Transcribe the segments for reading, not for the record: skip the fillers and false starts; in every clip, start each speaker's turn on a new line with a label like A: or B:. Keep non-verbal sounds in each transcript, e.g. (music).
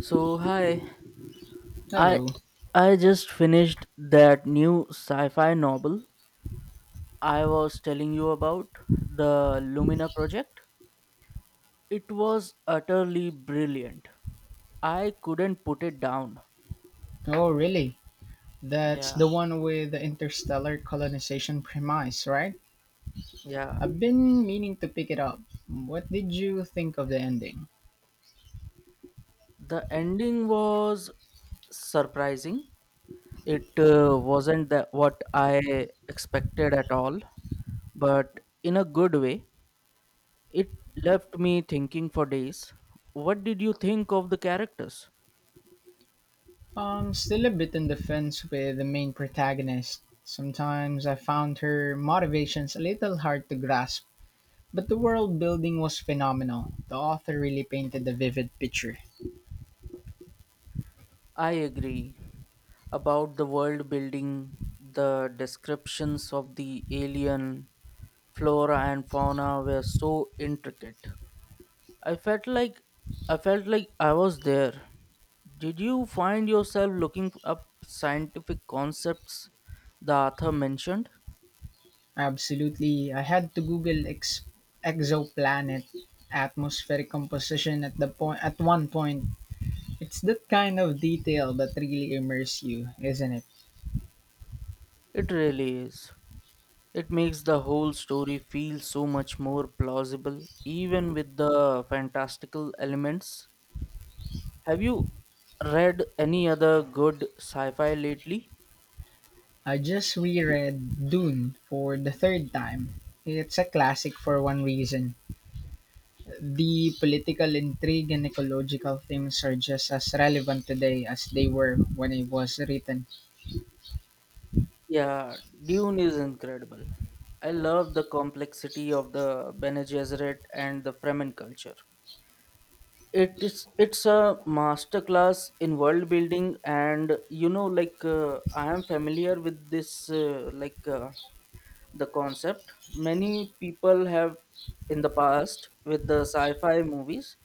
A: So hi, I
B: Hello.
A: I just finished that new sci-fi novel I was telling you about, the Lumina Project. It was utterly brilliant. I couldn't put it down.
B: Oh, really? That's the
A: Yeah,
B: one with the interstellar colonization premise, right?
A: yeah.
B: I've been meaning to pick it up. What did you think of the ending?
A: The ending was surprising. It wasn't that what I expected at all, but in a good way. It left me thinking for days. What did you think of the characters?
B: Still a bit on the fence with the main protagonist. Sometimes I found her motivations a little hard to grasp, but the world building was phenomenal. The author really painted a vivid picture.
A: I agree about the world building. The descriptions of the alien flora and fauna were so intricate. I felt like I felt like I was there. Did you find yourself looking up scientific concepts the author mentioned?
B: Absolutely. I had to Google exoplanet atmospheric composition at one point. It's that kind of detail that really immerses you, isn't it?
A: It really is. It makes the whole story feel so much more plausible, even with the fantastical elements. Have you read any other good sci-fi lately?
B: I just reread Dune for the third time. It's a classic for one reason. The political intrigue and ecological themes are just as relevant today as they were when it was written.
A: Yeah, Dune is incredible. I love the complexity of the Bene Gesserit and the Fremen culture. It's a masterclass in world building, and I am familiar with this, the concept. Many people have in the past With the sci-fi movies,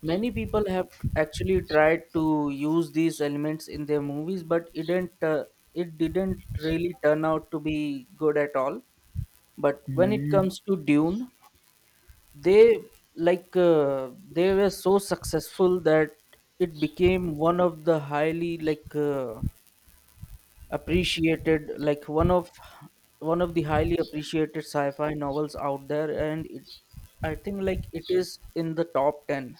A: many people have actually tried to use these elements in their movies, but it didn't really turn out to be good at all. But when it
B: Hmm,
A: comes to Dune, they they were so successful that it became one of the highly like appreciated like one of the highly appreciated sci-fi novels out there. And I think it is in the top 10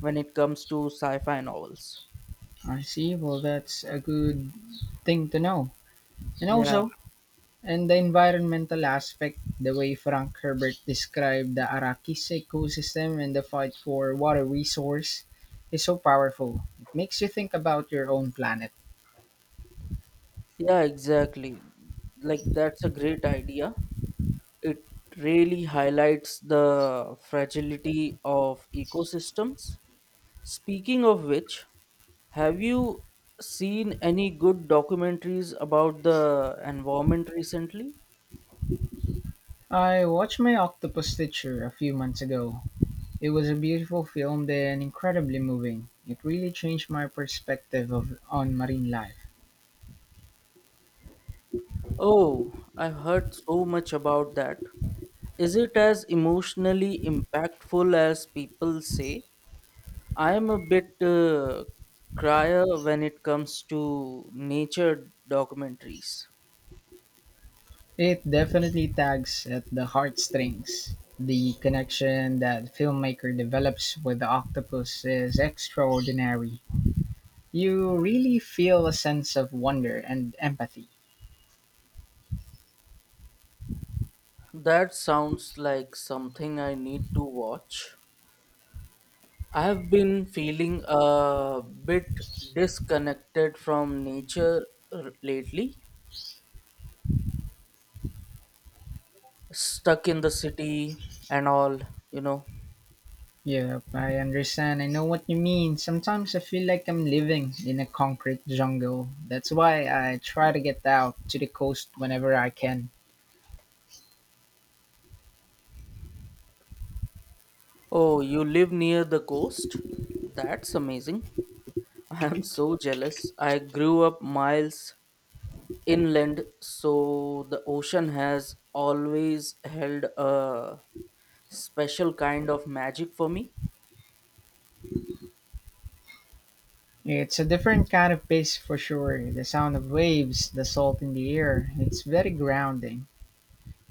A: when it comes to sci-fi novels.
B: I see. Well, that's a good thing to know. And
A: Yeah,
B: also, And the environmental aspect, the way Frank Herbert described the Arakis ecosystem and the fight for water resource, is so powerful. It makes you think about your own planet.
A: yeah, exactly, that's a great idea. It really highlights the fragility of ecosystems. Speaking of which, have you seen any good documentaries about the environment recently?
B: I watched My Octopus Teacher a few months ago. It was a beautiful film and incredibly moving. It really changed my perspective on marine life.
A: Oh, I've heard so much about that. Is it as emotionally impactful as people say? I am a bit crier when it comes to nature documentaries.
B: It definitely tags at the heartstrings. The connection that filmmaker develops with the octopus is extraordinary. You really feel a sense of wonder and empathy.
A: That sounds like something I need to watch. I have been feeling a bit disconnected from nature lately, stuck in the city and all, you know.
B: Yep, I understand. I know what you mean. Sometimes I feel like I'm living in a concrete jungle. That's why I try to get out to the coast whenever I can.
A: Oh, you live near the coast? That's amazing. I am so jealous. I grew up miles inland, so the ocean has always held a special kind of magic for me.
B: It's a different kind of pace for sure. The sound of waves, the salt in the air, it's very grounding.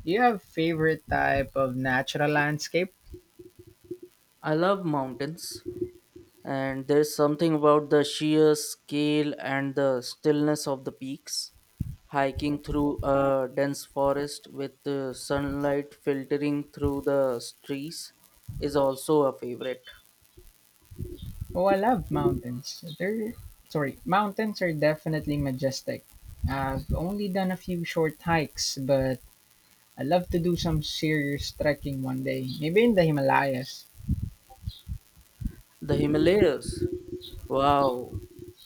B: Do you have favorite type of natural landscape?
A: I love mountains, and there's something about the sheer scale and the stillness of the peaks. Hiking through a dense forest with the sunlight filtering through the trees is also a favorite.
B: Oh, I love mountains. They're sorry, mountains are definitely majestic. I've only done a few short hikes, but I love to do some serious trekking one day, maybe in the Himalayas.
A: The Himalayas. Wow,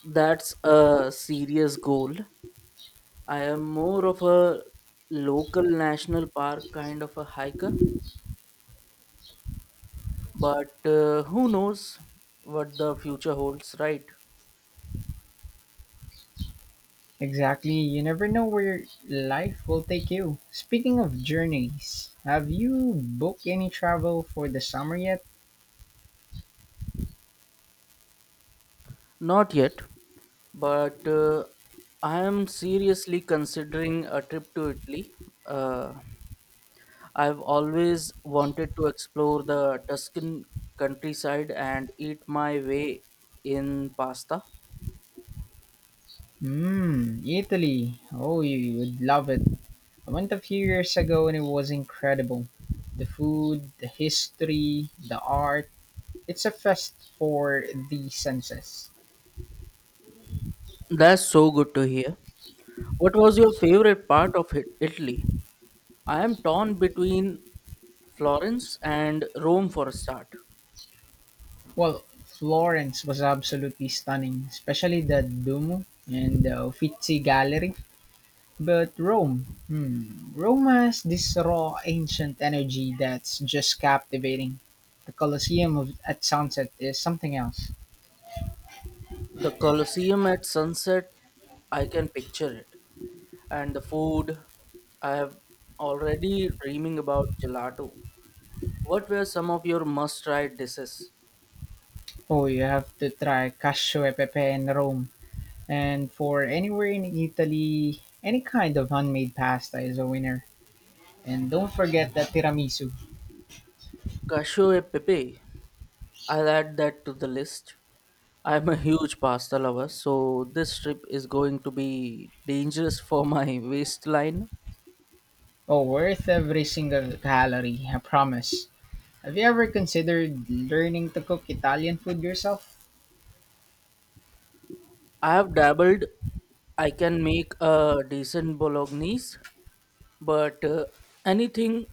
A: that's a serious goal. I am more of a local national park kind of a hiker. But who knows what the future holds, right?
B: Exactly, you never know where life will take you. Speaking of journeys, have you booked any travel for the summer yet?
A: Not yet, but I am seriously considering a trip to Italy. Uh, I've always wanted to explore the Tuscan countryside and eat my way in pasta.
B: Mmm, Italy. Oh, you would love it. I went a few years ago and it was incredible. The food, the history, the art, it's a fest for the senses.
A: That's so good to hear. What was your favorite part of Italy? I am torn between Florence and Rome for a start.
B: Well, Florence was absolutely stunning, especially the Duomo and the Uffizi Gallery. But Rome, hmm, Rome has this raw ancient energy that's just captivating. The Colosseum at sunset is something else.
A: The Colosseum at sunset, I can picture it. And the food, I have already dreaming about gelato. What were some of your must-try dishes?
B: Oh, you have to try Cacio e Pepe in Rome. And for anywhere in Italy, any kind of handmade pasta is a winner. And don't forget the tiramisu.
A: Cashew e pepe. I'll add that to the list. I'm a huge pasta lover, so this trip is going to be dangerous for my (laughs) waistline.
B: Oh, worth every single calorie, I promise. Have you ever considered learning to cook Italian food yourself?
A: I have dabbled. I can make a decent bolognese, but anything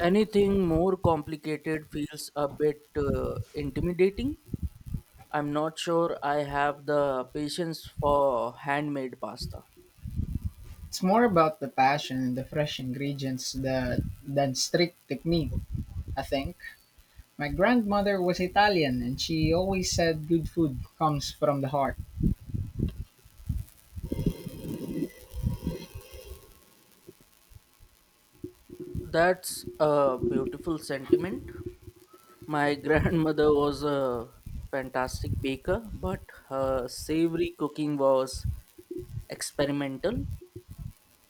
A: anything more complicated feels a bit intimidating. I'm not sure I have the patience for handmade pasta.
B: It's more about the passion and the fresh ingredients than strict technique, I think. My grandmother was Italian and she always said good food comes from the heart.
A: That's a beautiful sentiment. My (laughs) grandmother was a fantastic baker, but her savory cooking was experimental.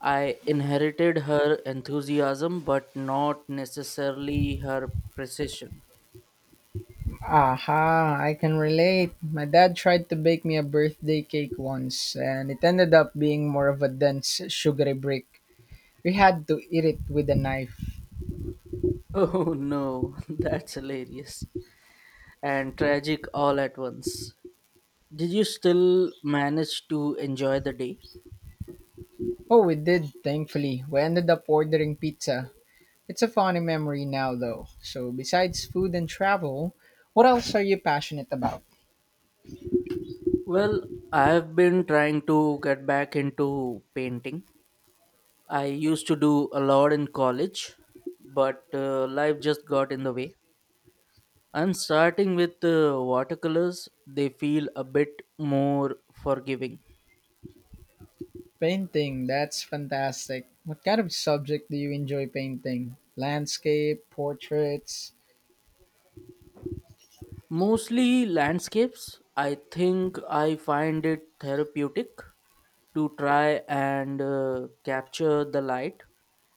A: I inherited her enthusiasm, but not necessarily her precision.
B: Aha, I can relate. My dad tried to bake me a birthday cake once, and it ended up being more of a dense, sugary brick. We had to eat it with a knife.
A: Oh no, (laughs) that's hilarious and tragic all at once. Did you still manage to enjoy the day?
B: Oh, we did, thankfully. We ended up ordering pizza. It's a funny memory now, though. So, besides food and travel, what else are you passionate about?
A: Well, I have been trying to get back into painting. I used to do a lot in college, but life just got in the way. I'm starting with watercolors; they feel a bit more forgiving.
B: Painting, that's fantastic. What kind of subject do you enjoy painting? Landscape, portraits?
A: Mostly landscapes. I think I find it therapeutic to try and capture the light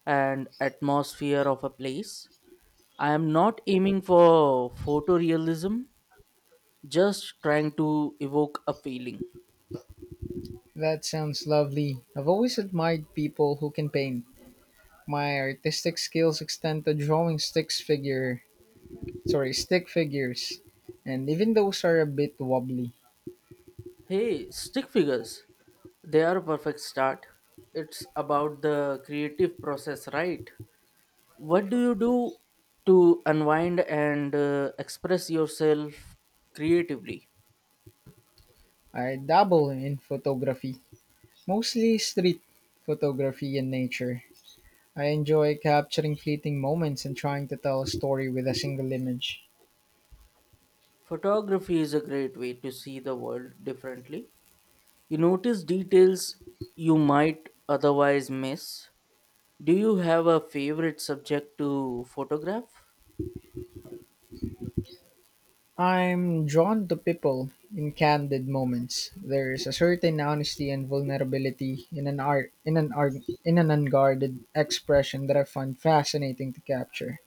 A: and atmosphere of a place. I am not aiming for photorealism, just trying to evoke a feeling.
B: That sounds lovely. I've always admired people who can paint. My artistic skills extend to drawing sorry, stick figures. And even those are a bit wobbly.
A: Hey, stick figures, they are a perfect start. It's about the creative process, right? What do you do to unwind and express yourself creatively?
B: I dabble in photography, mostly street photography and nature. I enjoy capturing fleeting moments and trying to tell a story with a single image.
A: Photography is a great way to see the world differently. You notice details you might otherwise miss. Do you have a favorite subject to photograph?
B: I'm drawn to people in candid moments. There is a certain honesty and vulnerability in an unguarded expression that I find fascinating to capture.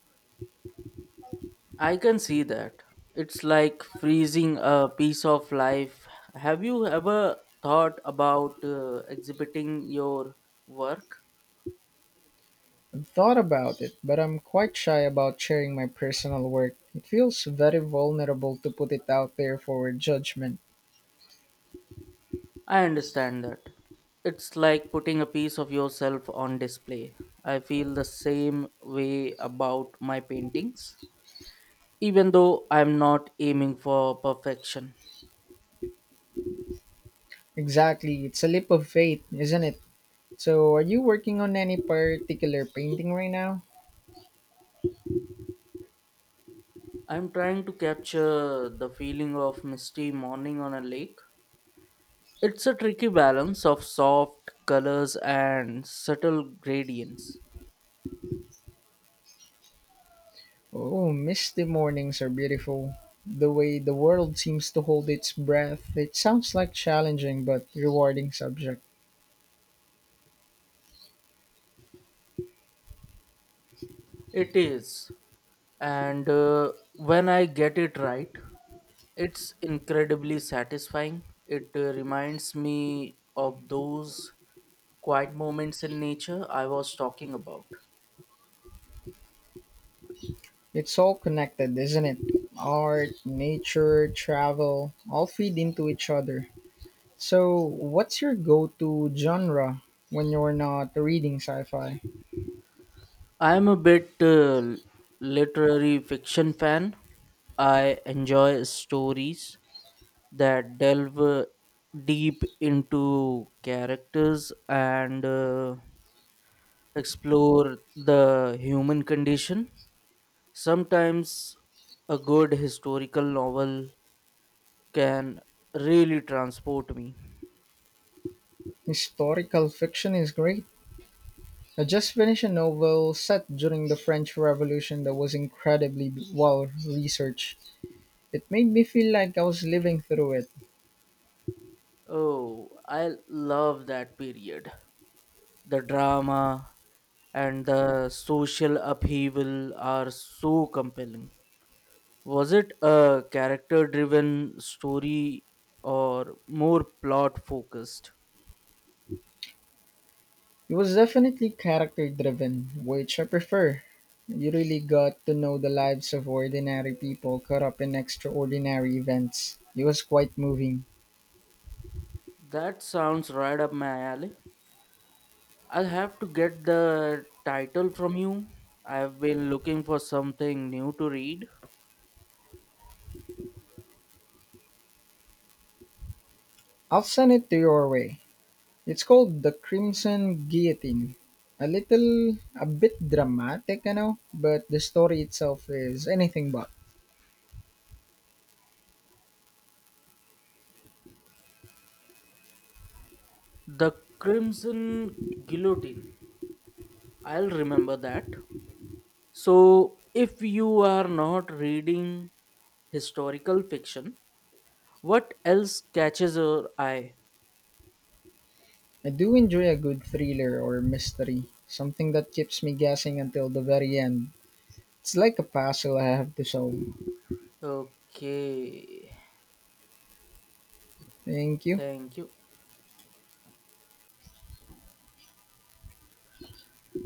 A: I can see that. It's like freezing a piece of life. Have you ever thought about exhibiting your work?
B: I've thought about it, but I'm quite shy about sharing my personal work. It feels very vulnerable to put it out there for judgment.
A: I understand that. It's like putting a piece of yourself on display. I feel the same way about my paintings, even though I'm not aiming for perfection.
B: Exactly, it's a leap of faith, isn't it? So, are you working on any particular painting right now?
A: I'm trying to capture the feeling of misty morning on a lake. It's a tricky balance of soft colors and subtle gradients.
B: Oh, misty mornings are beautiful. The way the world seems to hold its breath, it sounds like challenging but rewarding subject.
A: It is. And when I get it right, it's incredibly satisfying. It reminds me of those quiet moments in nature I was talking about.
B: It's all connected, isn't it? Art, nature, travel, all feed into each other. So, what's your go-to genre when you're not reading sci-fi?
A: I'm a bit literary fiction fan. I enjoy stories that delve deep into characters and explore the human condition. Sometimes a good historical novel can really transport me.
B: Historical fiction is great. I just finished a novel set during the French Revolution that was incredibly well researched. It made me feel like I was living through it.
A: Oh, I love that period. The drama and the social upheaval are so compelling. Was it a character driven story or more plot focused?
B: It was definitely character driven, which I prefer. You really got to know the lives of ordinary people caught up in extraordinary events. It was quite moving.
A: That sounds right up my alley. I'll have to get the title from you. I've been looking for something new to read.
B: I'll send it to your way. It's called The Crimson Guillotine. A bit dramatic, I know, but the story itself is anything but.
A: The Crimson Guillotine. I'll remember that. So, if you are not reading historical fiction, what else catches your eye?
B: I do enjoy a good thriller or mystery, something that keeps me guessing until the very end. It's like a puzzle I have to solve.
A: Okay,
B: Thank you.
A: thank you.